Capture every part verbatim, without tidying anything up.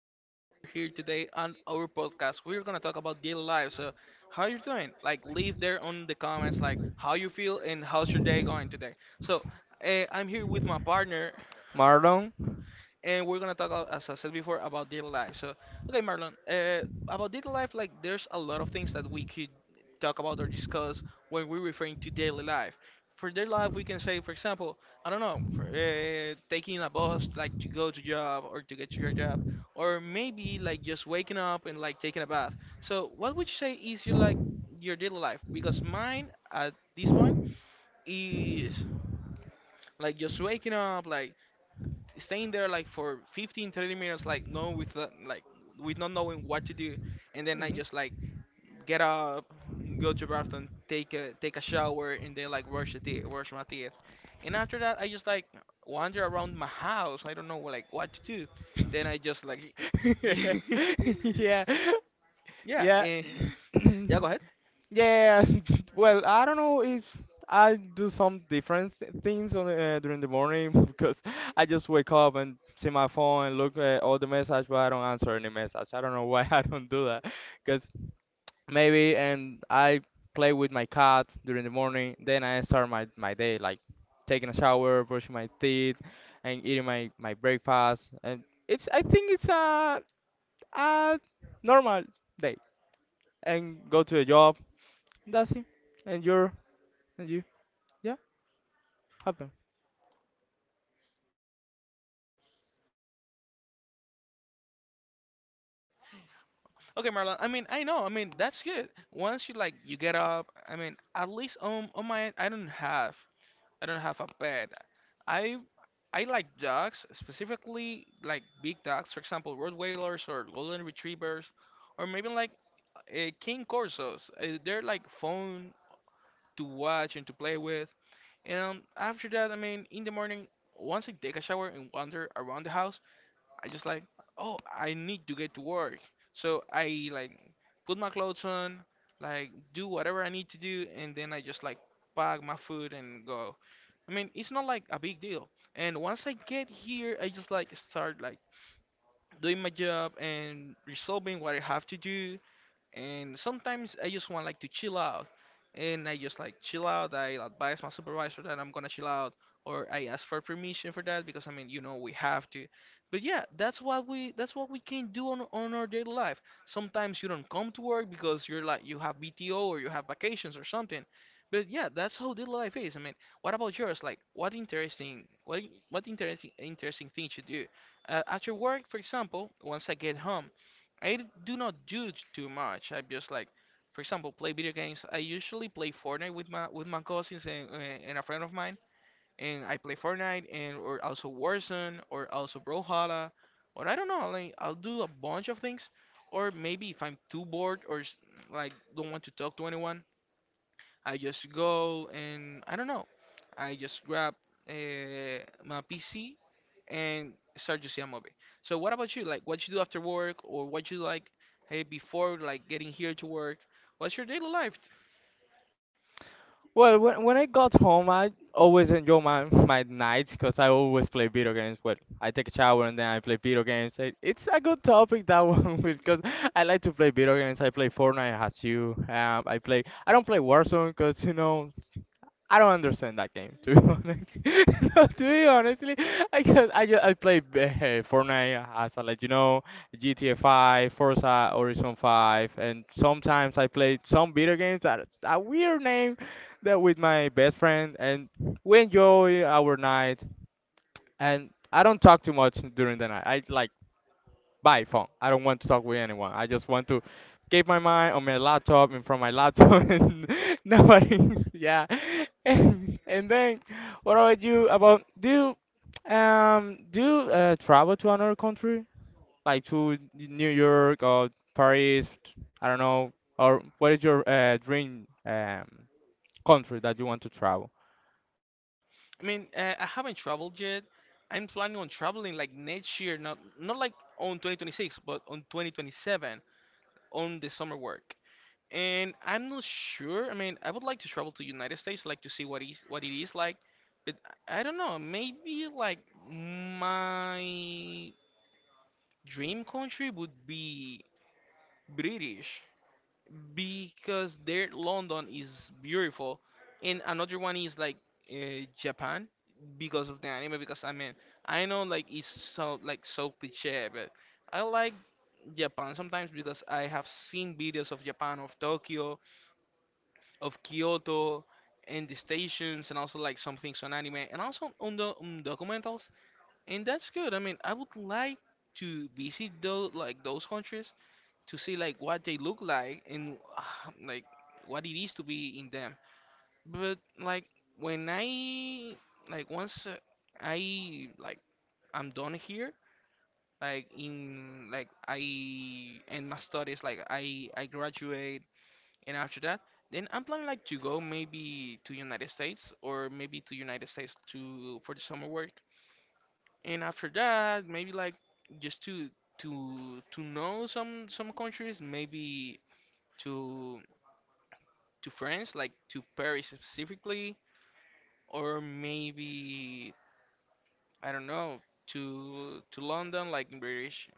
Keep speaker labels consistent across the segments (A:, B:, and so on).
A: and we are here today on our podcast. We're gonna talk about daily life. So, how you doing? Like, leave there on the comments, like how you feel and how's your day going today. So, eh, I'm here with my partner,
B: Marlon.
A: and we're gonna talk, a- as I said before, about daily life. So, okay, Marlon, uh, about daily life, like there's a lot of things that we could talk about or discuss when we're referring to daily life. For daily life, we can say, for example, I don't know, for, uh, taking a bus, like to go to job or to get to your job, or maybe like just waking up and like taking a bath. So, what would you say is your like your daily life? Because mine at this point is like just waking up, like staying there like for fifteen thirty minutes, like no with the- like with not knowing what to do, and then I
B: Mhm.
A: just like get up, go to bathroom, take a take a shower, and then like brush the teeth brush my teeth. And after that I just like wander around my house. I don't know like what to do. Then I just like yeah
B: Yeah. Yeah.
A: and yeah, go ahead.
B: Yeah, well, I don't know if I do some different thi- things on uh, during the morning because I just wake up and see my phone and look at all the message, but I don't answer any message. I don't know why. I don't do that because maybe and I play with my cat during the morning, then I start my my day like taking a shower, brushing my teeth, and eating my my breakfast, and it's I think it's a a normal day and go to a job. That's it. And you're and you yeah happen.
A: Okay, Marlon, I mean, I know, I mean that's good, once you like you get up. I mean at least on on my end, I don't have, I don't have a pet. I I like dogs, specifically like big dogs, for example, Rottweilers or Golden Retrievers, or maybe like uh, King Corsos. Uh, they're like fun to watch and to play with. And um, after that, I mean, in the morning, once I take a shower and wander around the house, I just like, oh, I need to get to work. So I like put my clothes on, like do whatever I need to do, and then I just like pack my food and go. I mean, it's not like a big deal. And once I get here, I just like start like doing my job and resolving what I have to do, and sometimes I just want like to chill out, and I just like chill out. I advise my supervisor that I'm gonna chill out, or I ask for permission for that, because I mean, you know, we have to. But yeah, that's what we that's what we can do on on our daily life. Sometimes you don't come to work because you're like you have B T O or you have vacations or something. But yeah, that's how daily life is. I mean, what about yours? Like, what interesting, what what interesting interesting things you do uh, at your work, for example? Once I get home, I do not judge too much. I'm just like, for example, play video games. I usually play Fortnite with my with my cousins, and, and and a friend of mine, and I play Fortnite, and or also Warzone or also Brawlhalla, or I don't know. Like I'll do a bunch of things, or maybe if I'm too bored or s- like don't want to talk to anyone, I just go and I don't know. I just grab uh, my P C and start to see a movie. So what about you? Like, what you do after work or what you like, hey, before like getting here to work? What's your daily life?
B: Well, when when I got home, I always enjoy my my nights because I always play video games. Well, I take a shower and then I play video games. It, it's a good topic, that one, because I like to play video games. I play Fortnite as you. Um, I play. I don't play Warzone because, you know, I don't understand that game, to be honest. No, to be honestly, I just, I just, I play uh, Fortnite, as I let you know, G T A five, Forza Horizon five, and sometimes I play some video games that is a weird name, that, with my best friend, and we enjoy our night. And I don't talk too much during the night. I like by phone. I don't want to talk with anyone. I just want to keep my mind on my laptop and from my laptop, and nobody. Yeah. And, and then what about you about do you, um do you uh, travel to another country? Like to New York or Paris, I don't know. Or what is your uh, dream um, country that you want to travel?
A: I mean, uh, I haven't traveled yet. I'm planning on traveling like next year, not not like on twenty twenty-six, but on twenty twenty-seven on the summer work. And I'm not sure. I mean, I would like to travel to United States, like to see what is what it is like. But I I don't know. Maybe like my dream country would be British, because their London is beautiful, and another one is like uh, Japan, because of the anime. Because I mean, I know like it's so like so cliche, but I like Japan sometimes because I have seen videos of Japan, of Tokyo, of Kyoto, and the stations, and also like some things on anime, and also on the on documentals, and that's good. I mean, I would like to visit those like those countries to see like what they look like and like what it is to be in them. But like when I like, once uh, I like, I'm done here, like in like I end my studies, like I I graduate, and after that, then I'm planning like to go maybe to United States or maybe to United States to for the summer work, and after that maybe like just to to to know some some countries, maybe to to France, like to Paris specifically, or maybe I don't know, to to London, like in British,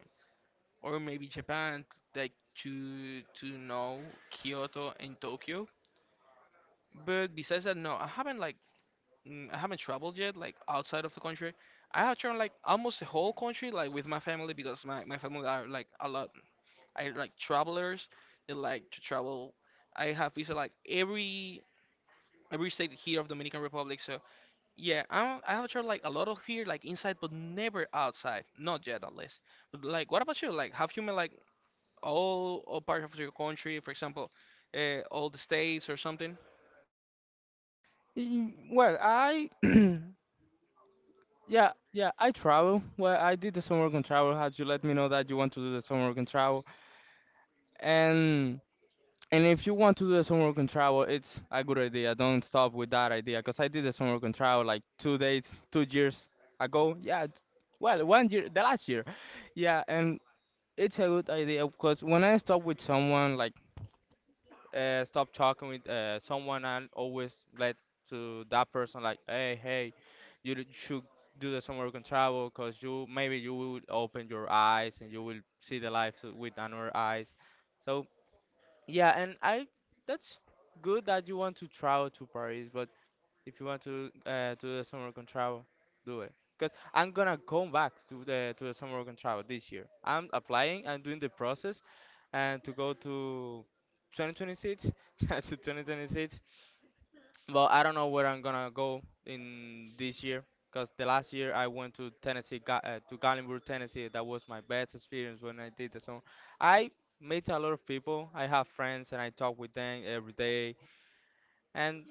A: or maybe Japan, like to to know Kyoto and Tokyo. But besides that, no, I haven't like, mm, I haven't traveled yet, like outside of the country. I have traveled like almost the whole country, like with my family, because my my family are like a lot. I like travelers. They like to travel. I have visited like every every state here of Dominican Republic. So, yeah, I'm, I have tried like a lot of here, like inside, but never outside. Not yet, at least. But, like, what about you? Like, have you met like all all parts of your country, for example, uh, all the states or something?
B: Y- Well, I yeah, yeah, I travel. Well, I did the summer work and travel. Had you let me know that you want to do the summer work and travel, and and if you want to do the summer work and travel, it's a good idea. Don't stop with that idea, cause I did the summer work and travel like two days, two years ago. Yeah, well, one year, the last year. Yeah, and it's a good idea, cause when I stop with someone, like uh, stop talking with uh, someone and always let to that person like, hey, hey, you d- should do the somewhere you can travel, because you, maybe you will open your eyes and you will see the life to- with another eyes. So yeah, and I that's good that you want to travel to Paris, but if you want to uh, do the summer work and travel, do it. Cause I'm gonna come back to the to the summer work and travel this year. I'm applying. I'm doing the process, and to go to twenty twenty-six. To twenty twenty-six. But I don't know where I'm gonna go in this year. Cause the last year I went to Tennessee, Ga- uh, to Gallenburg, Tennessee. That was my best experience when I did the summer. I met a lot of people. I have friends and I talk with them every day, and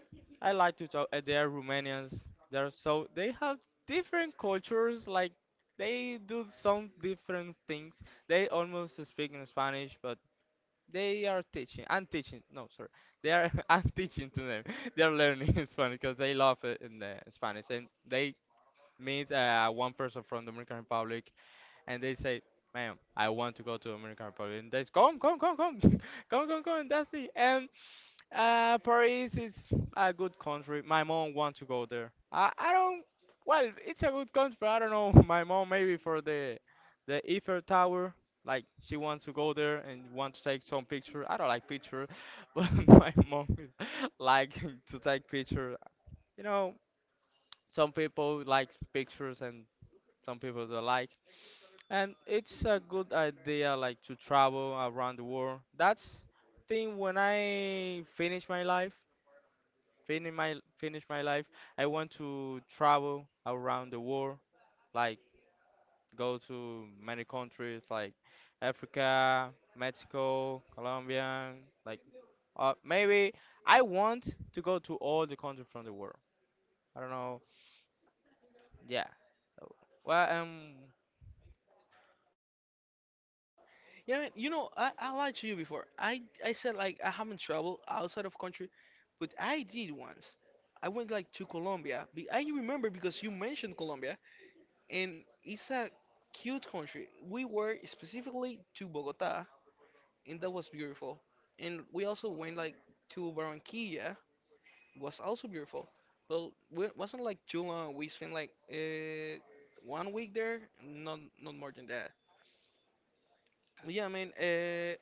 B: I like to talk. Uh, they are Romanians. They're so they have different cultures. Like, they do some different things. They almost speak in Spanish, but they are teaching. I'm teaching. No, sorry. They are. I'm teaching to them. They are learning Spanish because they love it in the Spanish, and they meet uh, one person from the Dominican Republic, and they say, ma'am, I want to go to Dominican Republic. And they say, come, come, come, come, come, come, come, that's it. And uh, Paris is a good country. My mom wants to go there. I, I don't. Well, it's a good country, but I don't know. My mom maybe for the the Eiffel Tower. Like she wants to go there and want to take some picture. I don't like picture, but my mom is like to take picture. You know, some people like pictures and some people don't like. And it's a good idea like to travel around the world. That's thing when I finish my life finish my finish my life, I want to travel around the world, like go to many countries like Africa, Mexico, Colombia, like uh, maybe I want to go to all the countries from the world. I don't know. Yeah. So well, um,
A: Yeah, you know, I, I lied to you before. I I said like I haven't traveled outside of country, but I did once. I went like to Colombia. Be- I remember because you mentioned Colombia, and it's a cute country. We were specifically to Bogota, and that was beautiful. And we also went like to Barranquilla, was also beautiful. But it wasn't like too long. We spent like uh, one week there, not not more than that. But yeah, I mean, uh,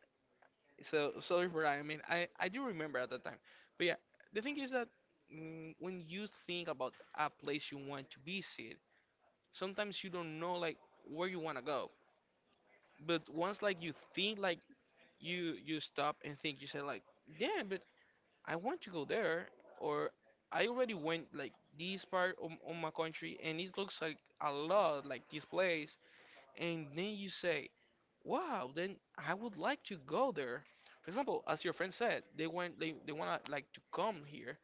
A: so sorry for that. I mean, I I do remember at that time. But yeah, the thing is that, mm, when you think about a place you want to visit, sometimes you don't know like where you want to go. But once like you think like you you stop and think, you say like, yeah, but I want to go there, or I already went like this part of, of my country, and it looks like a lot like this place. And then you say, wow, then I would like to go there. For example, as your friend said, they want they, they wanna like to come here,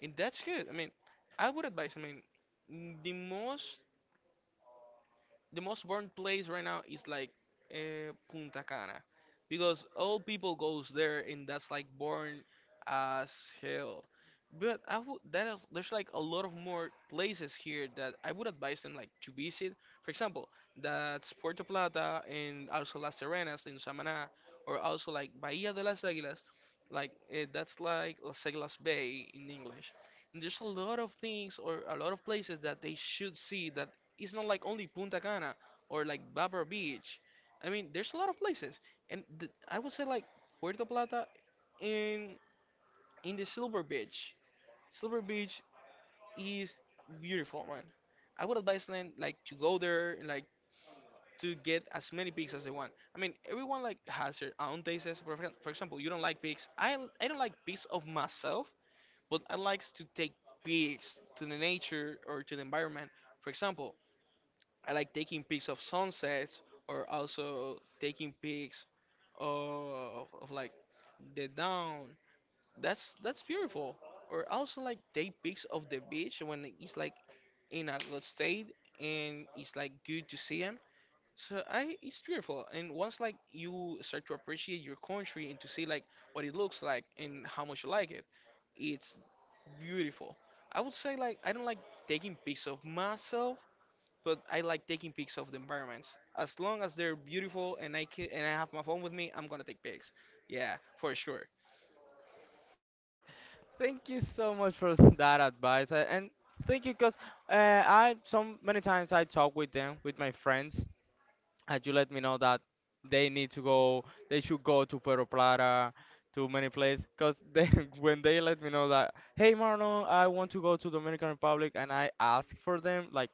A: and that's good. I mean, I would advise. I mean, the most the most burned place right now is like uh, Punta Cana, because all people goes there, and that's like born as hell. But I would that is, there's like a lot of more places here that I would advise them like to visit. For example, that's Puerto Plata, and also Las Serenas in Samaná, or also like Bahía de las Águilas, like uh, that's like Las Águilas Bay in English. And there's a lot of things or a lot of places that they should see, that it's not like only Punta Cana or like Barbara Beach. I mean, there's a lot of places, and th I would say like Puerto Plata in in the Silver Beach. Silver Beach is beautiful, man. I would advise them like to go there, and, like to get as many pigs as they want. I mean, everyone like has their own tastes. For, exa- for example, you don't like pigs. I I don't like pigs of myself, but I likes to take pigs to the nature or to the environment. For example, I like taking pics of sunsets, or also taking pics of, of like the dawn. That's that's beautiful. Or also like take pics of the beach when it's like in a good state, and it's like good to see them. So I, it's beautiful. And once like you start to appreciate your country and to see like what it looks like and how much you like it, it's beautiful. I would say like I don't like taking pics of myself, but I like taking pics of the environments. As long as they're beautiful and I can, and I have my phone with me, I'm gonna take pics. Yeah, for sure.
B: thank you so much for that advice, uh, and thank you because uh, I so many times I talk with them, with my friends, had you let me know that they need to go, they should go to Puerto Plata, to many places. Cause they, when they let me know that, hey Marlon, I want to go to Dominican Republic, and I ask for them like,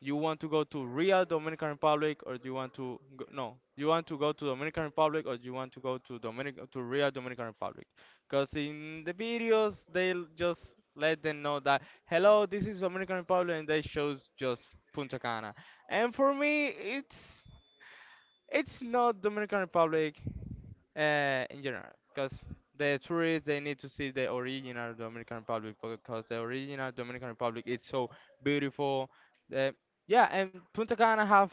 B: you want to go to real Dominican Republic or do you want to go, no, you want to go to Dominican Republic or do you want to go to Dominic to real Dominican Republic? Cause in the videos they will just let them know that hello, this is Dominican Republic, and they shows just Punta Cana. And for me, it's it's not Dominican Republic uh, in general, because the tourists they need to see the original Dominican Republic because the original Dominican Republic is so beautiful. The, yeah, and Punta Cana have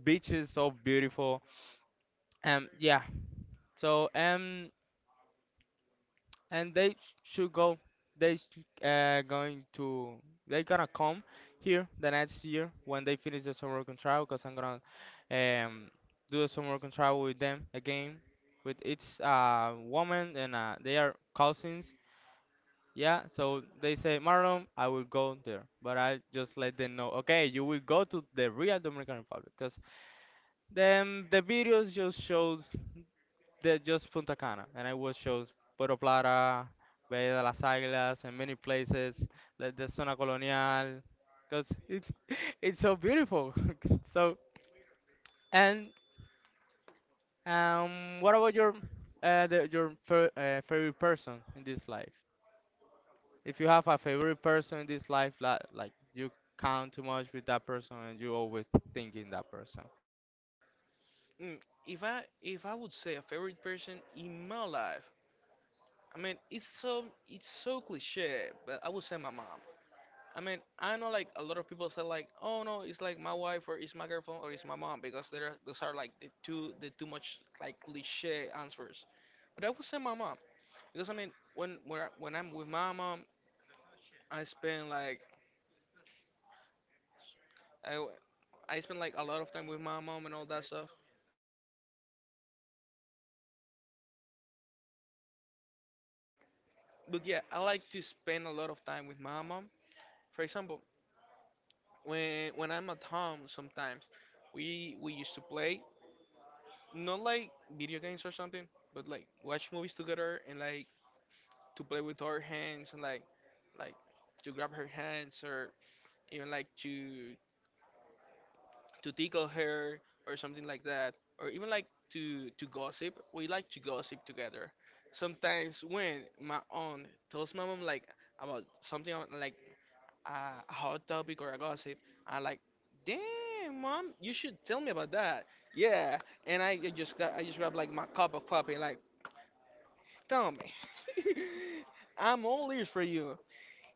B: beaches so beautiful. Um, yeah. So um, and they sh- should go they sh- uh, going to they gonna come here the next year when they finish the summer working trial because I'm gonna um, do a summer working trial with them again with its uh, woman and uh, they are cousins. Yeah, so they say, Marlon, I will go there, but I just let them know, okay, you will go to the real Dominican Republic, because then the videos just shows they just Punta Cana, and I watch shows Puerto Plata, Bahía de las Águilas, and many places like the Zona Colonial, because it, it's so beautiful. So and um, what about your uh, the, your fa- uh, favorite person in this life? If you have a favorite person in this life, like, like you count too much with that person and you always thinking that person.
A: Mm, if I if I would say a favorite person in my life, I mean it's so it's so cliche, but I would say my mom. I mean I know, like, a lot of people say like, "Oh no, it's like my wife or it's my girlfriend or it's my mom," because there are- those are like the two the too much, like, cliche answers, but I would say my mom because I mean when when I, when I'm with my mom I spend like I w- I spend like a lot of time with my mom and all that stuff. But yeah, I like to spend a lot of time with my mom. For example, when when I'm at home, sometimes we we used to play, not like video games or something, but like watch movies together and like to play with our hands and like like to grab her hands, or even like to to tickle her or something like that, or even like to to gossip. We like to gossip together. Sometimes when my aunt tells my mom like about something on- like a a hot topic or a gossip, I'm like, "Damn, mom, you should tell me about that." Yeah, and I just got, I just grab like my cup of coffee, like, "Tell me." I'm all ears for you.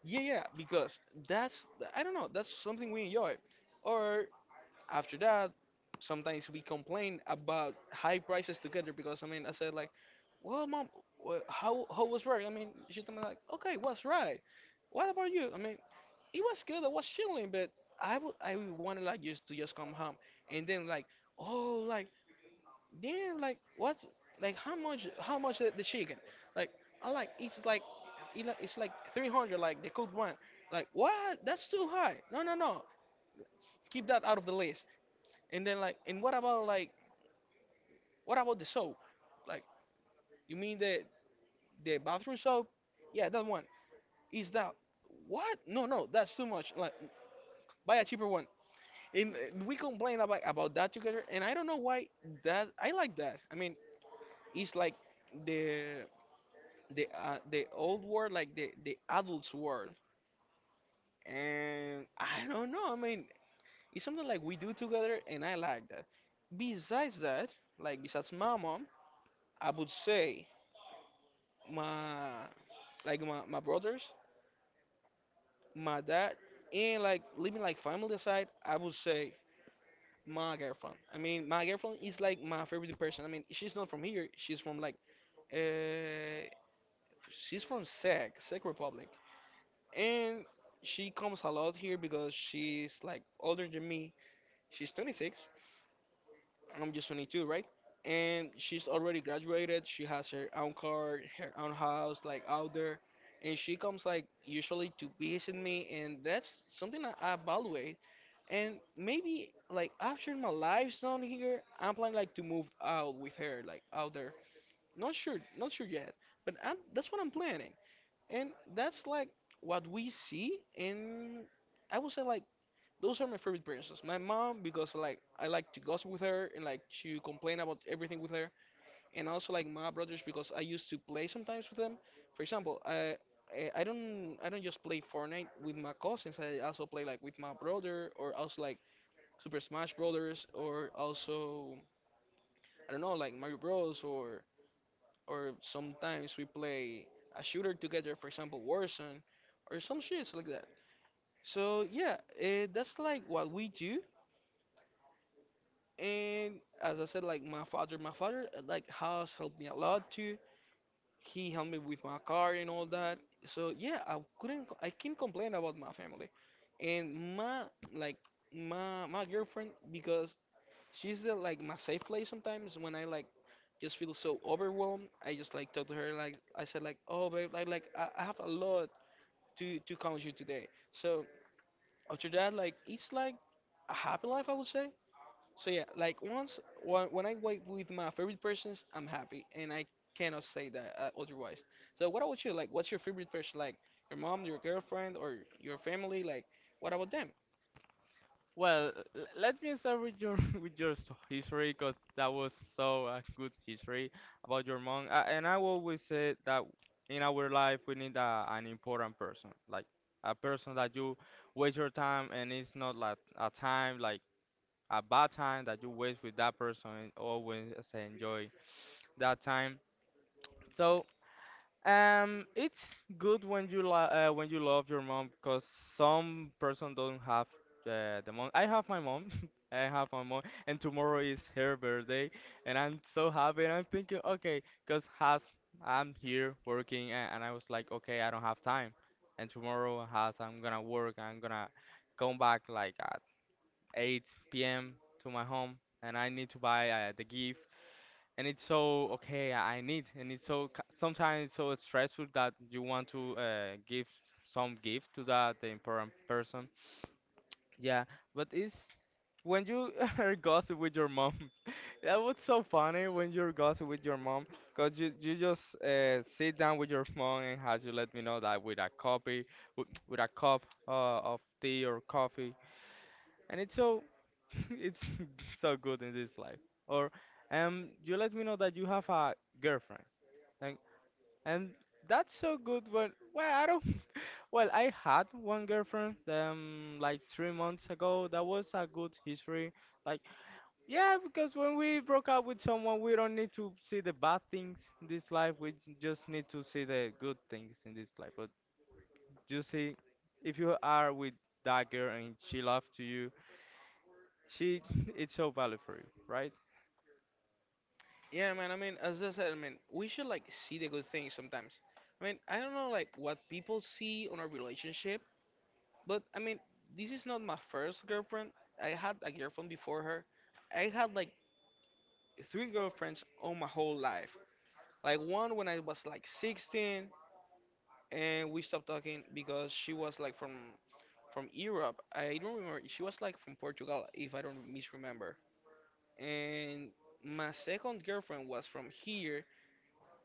A: Yeah, yeah, because that's I don't know, that's something we enjoy. Or after that, sometimes we complain about high prices together because I mean I said like, "Well mom, wha- how how was work?" I mean she told me like, "Okay, was right? What about you?" I mean, "It was good, I was chilling, but I would I would wanted like just to just come home." And then like, "Oh like damn, like what's like how much, how much the, the chicken?" Like, "I like it's like it like- it's like three hundred like the cooked one." Like, "What? That's too high. No, no, no. Keep that out of the list." And then like, "And what about like, what about the soap?" Like, "You mean the the bathroom soap?" "Yeah, that one." "Is that what? No, no, that's too much. Like, buy a cheaper one." And uh, we complain about about that together, and I don't know why that I like that. I mean, it's like the the uh, the old world, like the the adults world, and I don't know. I mean, it's something like we do together, and I like that. Besides that, like besides my mom, I would say my, like my, my brothers, my dad, and like leaving like family aside, I would say my girlfriend. I mean, my girlfriend is like my favorite person. I mean, she's not from here. She's from like uh, she's from Czech, Czech Republic, and she comes a lot here because she's like older than me. She's twenty-six, I'm just twenty-two, right? And she's already graduated. She has her own car, her own house, like out there. And she comes like usually to visit me, and that's something that I evaluate. And maybe like after my life's done here, I'm planning like to move out with her, like out there. Not sure, not sure yet, but I'm, that's what I'm planning. And that's like what we see, and I would say like those are my favorite princess. My mom, because like I like to gossip with her and like to complain about everything with her, and also like my brothers because I used to play sometimes with them. For example, I I I don't, I don't just play Fortnite with my cousins. I also play like with my brother, or also like Super Smash Brothers, or also I don't know like Mario Bros, or or sometimes we play a shooter together. For example, Warzone or some shits like that. So yeah, uh, that's like what we do. And as I said, like my father, my father uh, like has helped me a lot too. He helped me with my car and all that. So yeah, I couldn't, co- I can't complain about my family, and my, like my my girlfriend, because she's the, like my safe place sometimes when I like just feel so overwhelmed. I just like talk to her, like I said like, "Oh babe, like like I, I have a lot to to count you today." So after that like it's like a happy life, I would say. So yeah, like once when when I wait with my favorite persons, I'm happy, and I cannot say that uh, otherwise. So what about you? Like, what's your favorite person? Like your mom, your girlfriend, or your family? Like, what about them?
B: Well, l- let me start with your with your s- history, cause that was so a good history about your mom. Uh, and I always say that in our life we need a, an important person, like a person that you waste your time, and it's not like a time like a bad time that you waste with that person, and always uh, enjoy that time. So um, it's good when you lo- uh, when you love your mom because some person don't have uh, the mom. I have my mom. I have my mom, and tomorrow is her birthday, and I'm so happy. And I'm thinking, okay, because has I'm here working, and, and I was like, okay, I don't have time. And tomorrow has I'm gonna work. I'm gonna come back like at eight p m to my home, and I need to buy uh, the gift, and it's so okay I need and it's so c- sometimes it's so stressful that you want to uh, give some gift to that important person. Yeah, but it's when you are gossip with your mom. That was so funny when you're gossip with your mom, because you, you just uh, sit down with your mom and has you let me know that with a copy with, with a cup uh, of tea or coffee, and it's so it's so good in this life. Or um you let me know that you have a girlfriend, like, and that's so good. But well, I don't. Well, I had one girlfriend um like three months ago. That was a good history. Like, yeah, because when we broke up with someone, we don't need to see the bad things in this life. We just need to see the good things in this life. But you see, if you are with that girl and she loves to you, she it's so valid for you, right?
A: Yeah, man. I mean, as I said, I mean, we should like see the good things sometimes. I mean, I don't know like what people see on our relationship, but I mean, this is not my first girlfriend. I had a girlfriend before her. I had like three girlfriends all my whole life. Like one when I was like sixteen, and we stopped talking because she was like from from Europe. I don't remember. She was like from Portugal, if I don't misremember. And my second girlfriend was from here.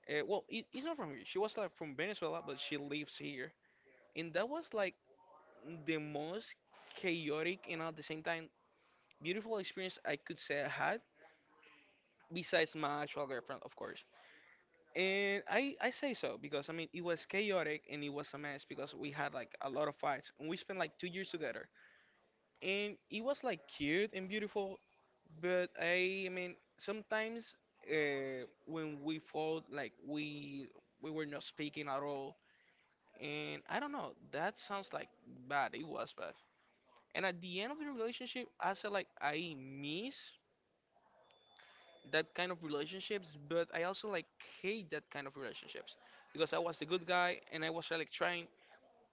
A: Uh, well, it, it's not from here. She was like from Venezuela, but she lives here. And that was like the most chaotic and at the same time beautiful experience I could say I had, besides my actual girlfriend, of course. And I, I say so because I mean it was chaotic and it was a mess because we had like a lot of fights and we spent like two years together. And it was like cute and beautiful, but i, I mean sometimes uh, when we fought, like we we were not speaking at all. And I don't know, that sounds like bad. It was bad. And at the end of the relationship I said like I miss that kind of relationships, but I also like hate that kind of relationships, because I was a good guy and I was like trying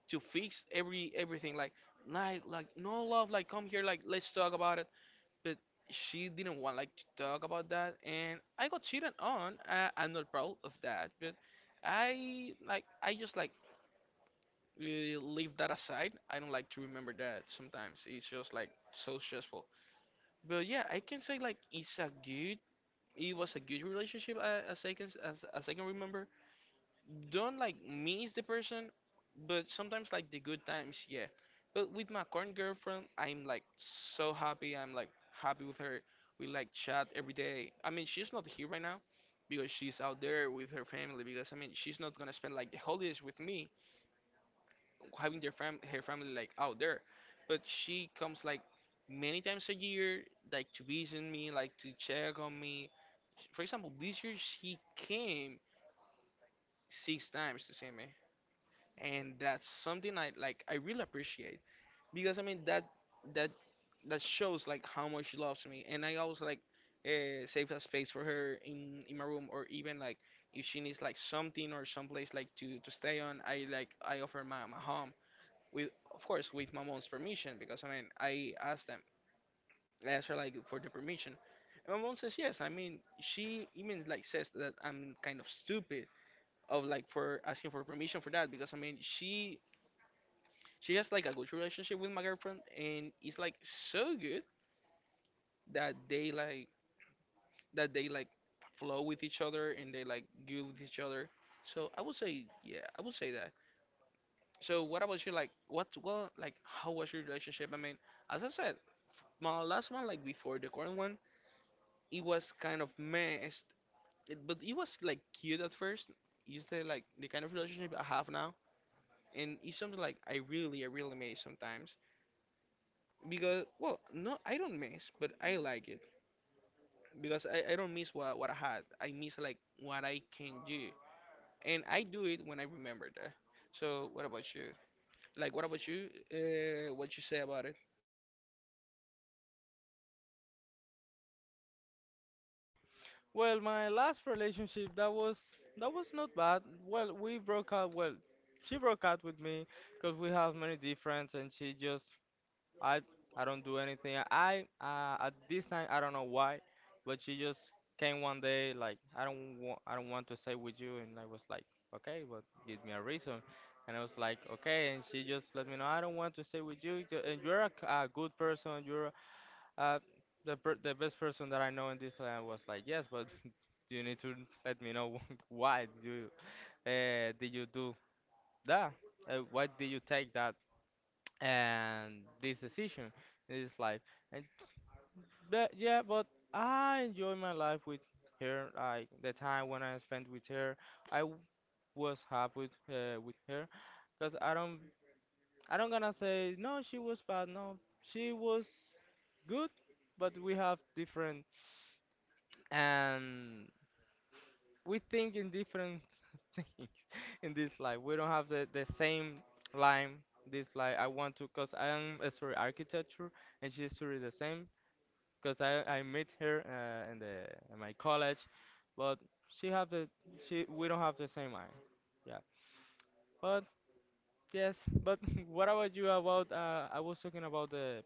A: to fix every everything, like like like "No love, like come here, like let's talk about it." But she didn't want like to talk about that, and I got cheated on. uh, I'm not proud of that, but i like I just like, uh, leave that aside. I don't like to remember that, sometimes it's just like so stressful. But yeah, I can say like it's a good, it was a good relationship, uh, as I can as, as I can remember. Don't like me as the person, but sometimes like the good times, yeah. But with my current girlfriend, I'm like so happy. I'm like happy with her. We like chat every day. I mean, she's not here right now because she's out there with her family. Because I mean, she's not gonna spend like the holidays with me, having their fam her family like out there. But she comes like many times a year, like to visit me, like to check on me. For example, this year she came six times to see me, and that's something I like, I really appreciate, because I mean that that that shows like how much she loves me. And I always like, uh, save a space for her in in my room, or even like if she needs like something or someplace like to to stay on, I like I offer my my home with, of course, with my mom's permission, because I mean I ask them I ask her like for the permission. And my mom says yes. I mean, she even like says that I'm kind of stupid of like for asking for permission for that, because I mean she she has like a good relationship with my girlfriend, and it's like so good that they like that they like flow with each other, and they like good with each other. So I would say yeah, I would say that. So what about you? Like, what, well, like how was your relationship? I mean, as I said, my last one, like before the current one, it was kind of messed it, but it was like cute at first. Is the like the kind of relationship I have now, and it's something like i really I really miss sometimes. Because well no, I don't miss, but I like it because I, I don't miss what, what I had. I miss like what I can do, and I do it when I remember that. So what about you? Like what about you? Uh, what you say about it?
B: Well, my last relationship, that was that was not bad. Well, we broke up. Well, she broke up with me because we have many difference, and she just I I don't do anything. I uh, at this time I don't know why, but she just came one day like I don't want I don't want to stay with you. And I was like, okay, but give me a reason. And I was like, okay, and she just let me know, I don't want to stay with you, ju- and you're a, c- a good person, you're uh the per- the best person that I know in this. And I was like, yes, but you need to let me know why you uh, did you do that? Uh, why did you take that and this decision in this life? And but yeah, but I enjoy my life with her. Like the time when I spent with her, I w- was happy uh, with her, cause I don't I don't gonna say no. She was bad. No, she was good, but we have different. And. We think in different things in this life. We don't have the, the same line. This like I want to, cause I'm uh, sorry architecture, and she's sorry the same, cause I I met her uh, in the in my college, but she have the she we don't have the same eye. Yeah, but yes, but what about you? About uh, I was talking about the,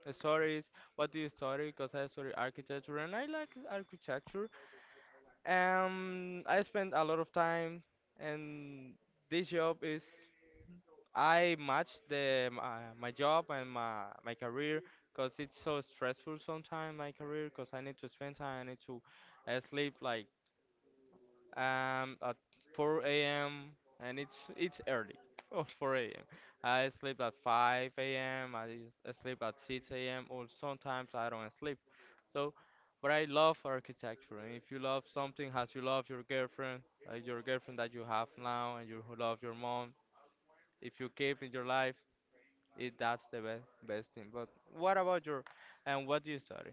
B: the stories. What do you study? Cause I study architecture and I like architecture. um, I spend a lot of time, and this job is I match the my, my job and my my career, because it's so stressful sometimes my career, because I need to spend time. I need to uh, sleep like um, at four a m, and it's it's early. Oh, four a m. I sleep at five a m. I s- sleep at six a m, or sometimes I don't sleep. So, but I love architecture. And if you love something, as you love your girlfriend, like your girlfriend that you have now, and you love your mom, if you keep in your life, it that's the best best thing. But what about your and what do you study?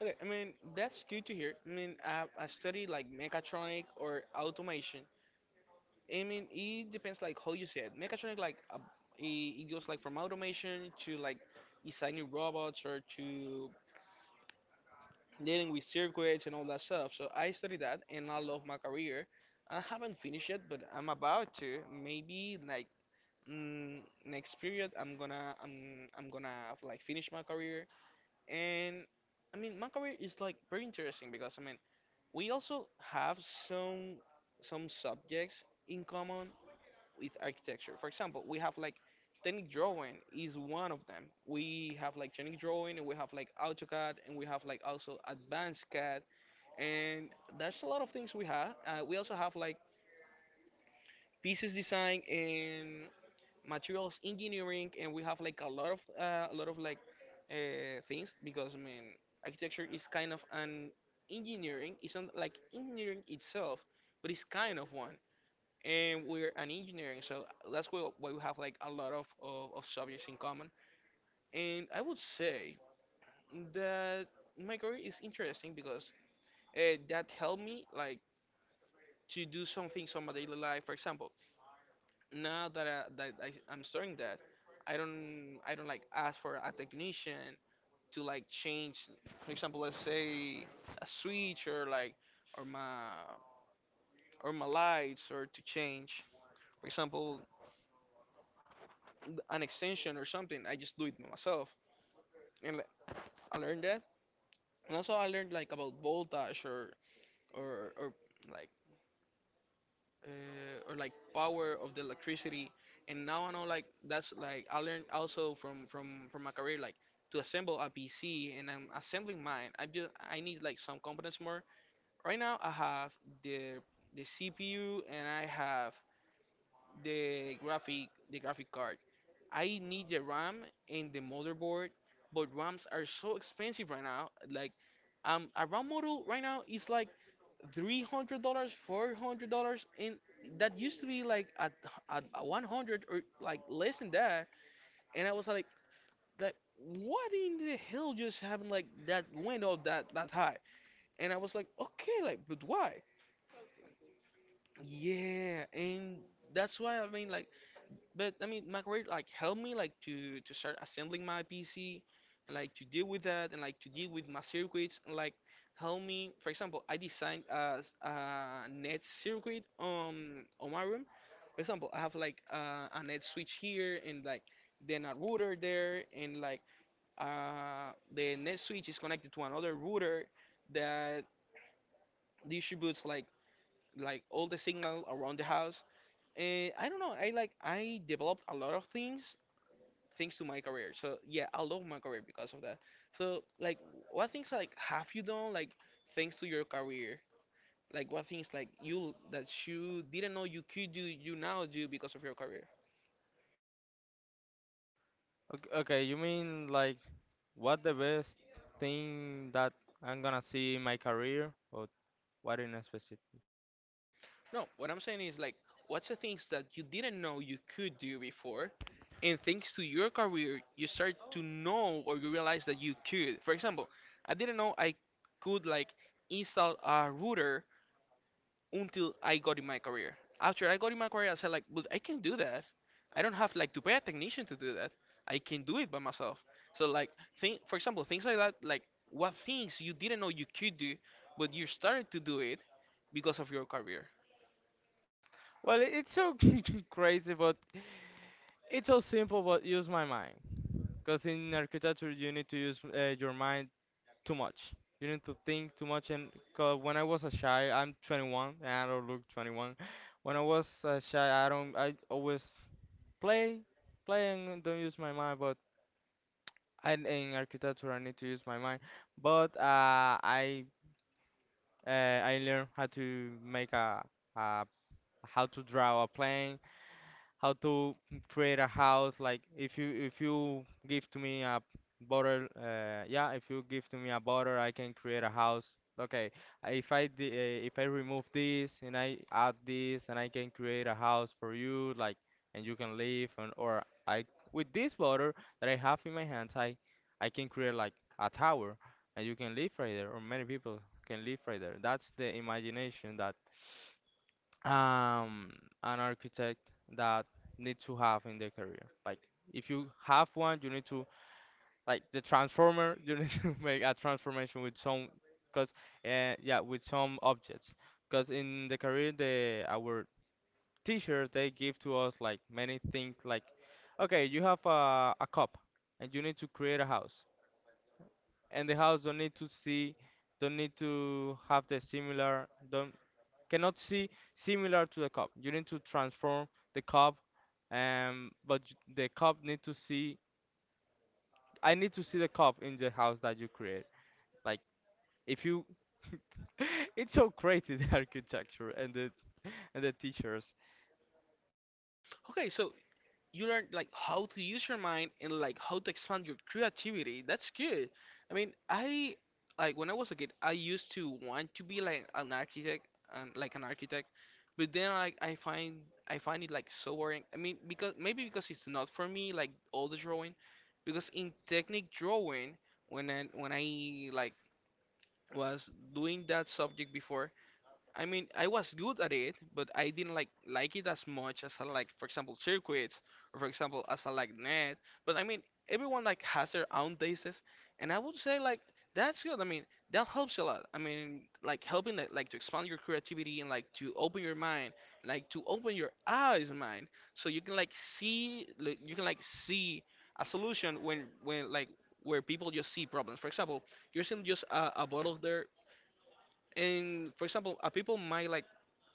A: Okay, I mean that's good to hear. I mean I, I study like mechatronic or automation. I mean it depends like how you say it. Mechatronic like uh, it, it goes like from automation to like designing robots, or to dealing with circuits and all that stuff. So I studied that and I love my career. I haven't finished it, but I'm about to. Maybe like mm, next period, I'm gonna I'm I'm gonna like finish my career. And I mean, my career is like very interesting because I mean, we also have some some subjects in common with architecture. For example, we have like technic drawing is one of them. We have like technic drawing, and we have like AutoCAD, and we have like also advanced CAD, and there's a lot of things we have. Uh, we also have like pieces design and materials engineering, and we have like a lot of uh, a lot of like uh, things because I mean architecture is kind of an engineering. It's not like engineering itself, but it's kind of one, and we're an engineering, so that's why why we have like a lot of, of, of subjects in common. And I would say that my career is interesting because uh, that helped me like to do some things on my daily life. For example, now that I, that I, I'm starting that, I don't I don't like ask for a technician to like change, for example, let's say a switch, or like or my or my lights, or to change. For example, an extension or something. I just do it myself, and like, I learned that. And also I learned like about voltage or or or like uh, or like power of the electricity. And now I know like that's like I learned also from from from my career like to assemble a P C, and I'm assembling mine. I just I need like some components more. Right now I have the the C P U, and I have the graphic the graphic card. I need the RAM and the motherboard, but RAMs are so expensive right now. Like um a RAM model right now is like three hundred dollars, four hundred dollars, and that used to be like at at one hundred or like less than that. And I was like, like what in the hell just happened? Like that went up that that high. And I was like, okay, like but why? Yeah, and that's why I mean like But I mean, my like helped me like to to start assembling my P C, and like to deal with that, and like to deal with my circuits, and like help me. For example, I designed a a net circuit on on my room. For example, I have like uh, a net switch here, and like then a router there, and like uh, the net switch is connected to another router that distributes like like all the signal around the house. And I don't know. I like I developed a lot of things thanks to my career. So yeah, I love my career because of that. So like, what things like have you done like thanks to your career? Like what things like you that you didn't know you could do you now do because of your career?
B: Okay, okay, you mean like what the best thing that I'm gonna see in my career, or what in specific?
A: No, what I'm saying is like, what's the things that you didn't know you could do before, and thanks to your career you start to know or you realize that you could. For example, I didn't know I could like install a router until I got in my career. After I got in my career, I said like, but I can do that. I don't have like to pay a technician to do that. I can do it by myself. So like, think for example, things like that, like what things you didn't know you could do, but you started to do it because of your career.
B: Well, it- it's so crazy, but it's so simple, but use my mind. Because in architecture, you need to use uh, your mind too much. You need to think too much. And 'cause when I was a shy, I'm twenty-one and I don't look twenty-one. When I was a shy, I don't. I always play, play and don't use my mind. But and In architecture I need to use my mind, but uh, I uh, I learned how to make a, a, how to draw a plane, how to create a house. Like if you if you give to me a bottle, uh, yeah, if you give to me a bottle, I can create a house. Okay, uh, if I d uh, if I remove this and I add this, and I can create a house for you, like, and you can live, and or I, with this bottle that I have in my hands, I I can create like a tower, and you can live right there, or many people can live right there. That's the imagination that um, an architect that need to have in their career. Like if you have one, you need to like the transformer. You need to make a transformation with some, cause uh, yeah, with some objects. Cause in the career, the our teachers they give to us like many things. Like okay, you have a a cup, and you need to create a house, and the house don't need to see, don't need to have the similar, don't cannot see similar to the cup. You need to transform the cup, um, but j- the cup need to see. I need to see the cup in the house that you create. Like if you, it's so crazy the architecture and the and the teachers.
A: Okay, so you learn like how to use your mind and like how to expand your creativity. That's good. I mean, I like when I was a kid, I used to want to be like an architect and like an architect, but then like I find I find it like so boring. I mean, because maybe because it's not for me like all the drawing, because in technique drawing when I when I like was doing that subject before I mean, I was good at it, but I didn't like like it as much as I like, for example, circuits, or for example, as I like net. But I mean, everyone like has their own tastes, and I would say like that's good. I mean, that helps a lot. I mean, like helping like, like to expand your creativity and like to open your mind, like to open your eyes, mind, so you can like see like, you can like see a solution when when like where people just see problems. For example, you're seeing just a, a bottle there, and for example, a people might like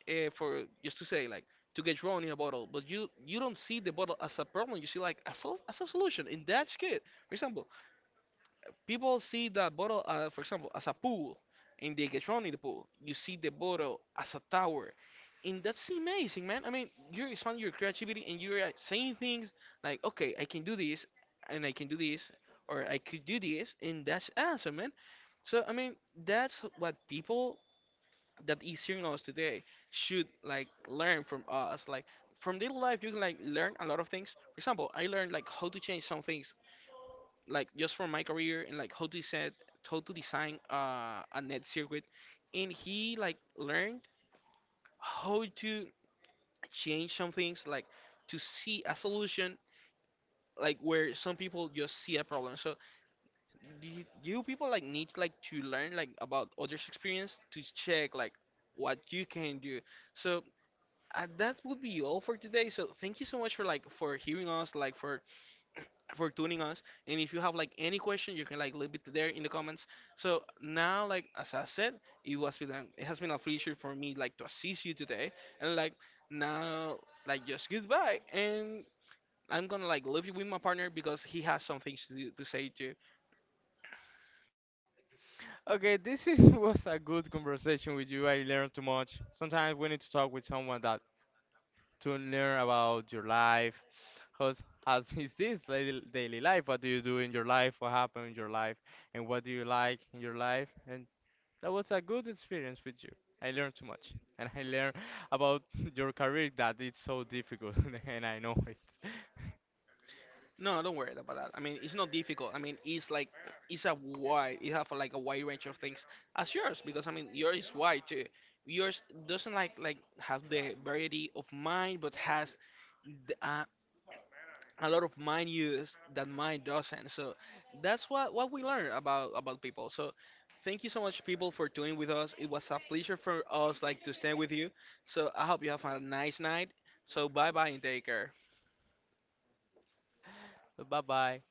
A: uh, for just to say like to get thrown in a bottle, but you you don't see the bottle as a problem. You see like as a, as a solution. In that skit, for example, people see that bottle, uh, for example, as a pool, and they get thrown in the pool. You see the bottle as a tower, and that's amazing, man. I mean, you're expanding your creativity, and you're uh, saying things like, okay, I can do this, and I can do this, or I could do this, and that's awesome, man. So I mean, that's what people that is hearing us today should like learn from us. Like from daily life, you can like learn a lot of things. For example, I learned like how to change some things, like just from my career, and like how to set, how to design uh, a net circuit. And he like learned how to change some things, like to see a solution, like where some people just see a problem. So y- you people like need like to learn like about others' experience to check like what you can do. So uh, that would be all for today. So thank you so much for like for hearing us, like for for tuning us. And if you have like any question, you can like leave it there in the comments. So now, like as I said, it was been an- it has been a pleasure for me like to assist you today. And like now, like just goodbye. And I'm gonna like leave you with my partner because he has some things to do, to say too.
B: Okay, this is, was a good conversation with you. I learned too much. Sometimes we need to talk with someone that to learn about your life. How's, how is this daily daily life? What do you do in your life? What happened in your life? And what do you like in your life? And that was a good experience with you. I learned too much, and I learned about your career that it's so difficult, and I know it.
A: No, no, don't worry about that. I mean, it's not difficult. I mean, it's like it's a wide. It have like a wide range of things as yours because I mean, yours is wide too. Yours doesn't like like have the variety of mine, but has the, uh, a lot of mine use that mine doesn't. So that's what what we learn about about people. So thank you so much, people, for tuning with us. It was a pleasure for us like to stand with you. So I hope you have a nice night. So bye bye and take care.
B: Bye bye.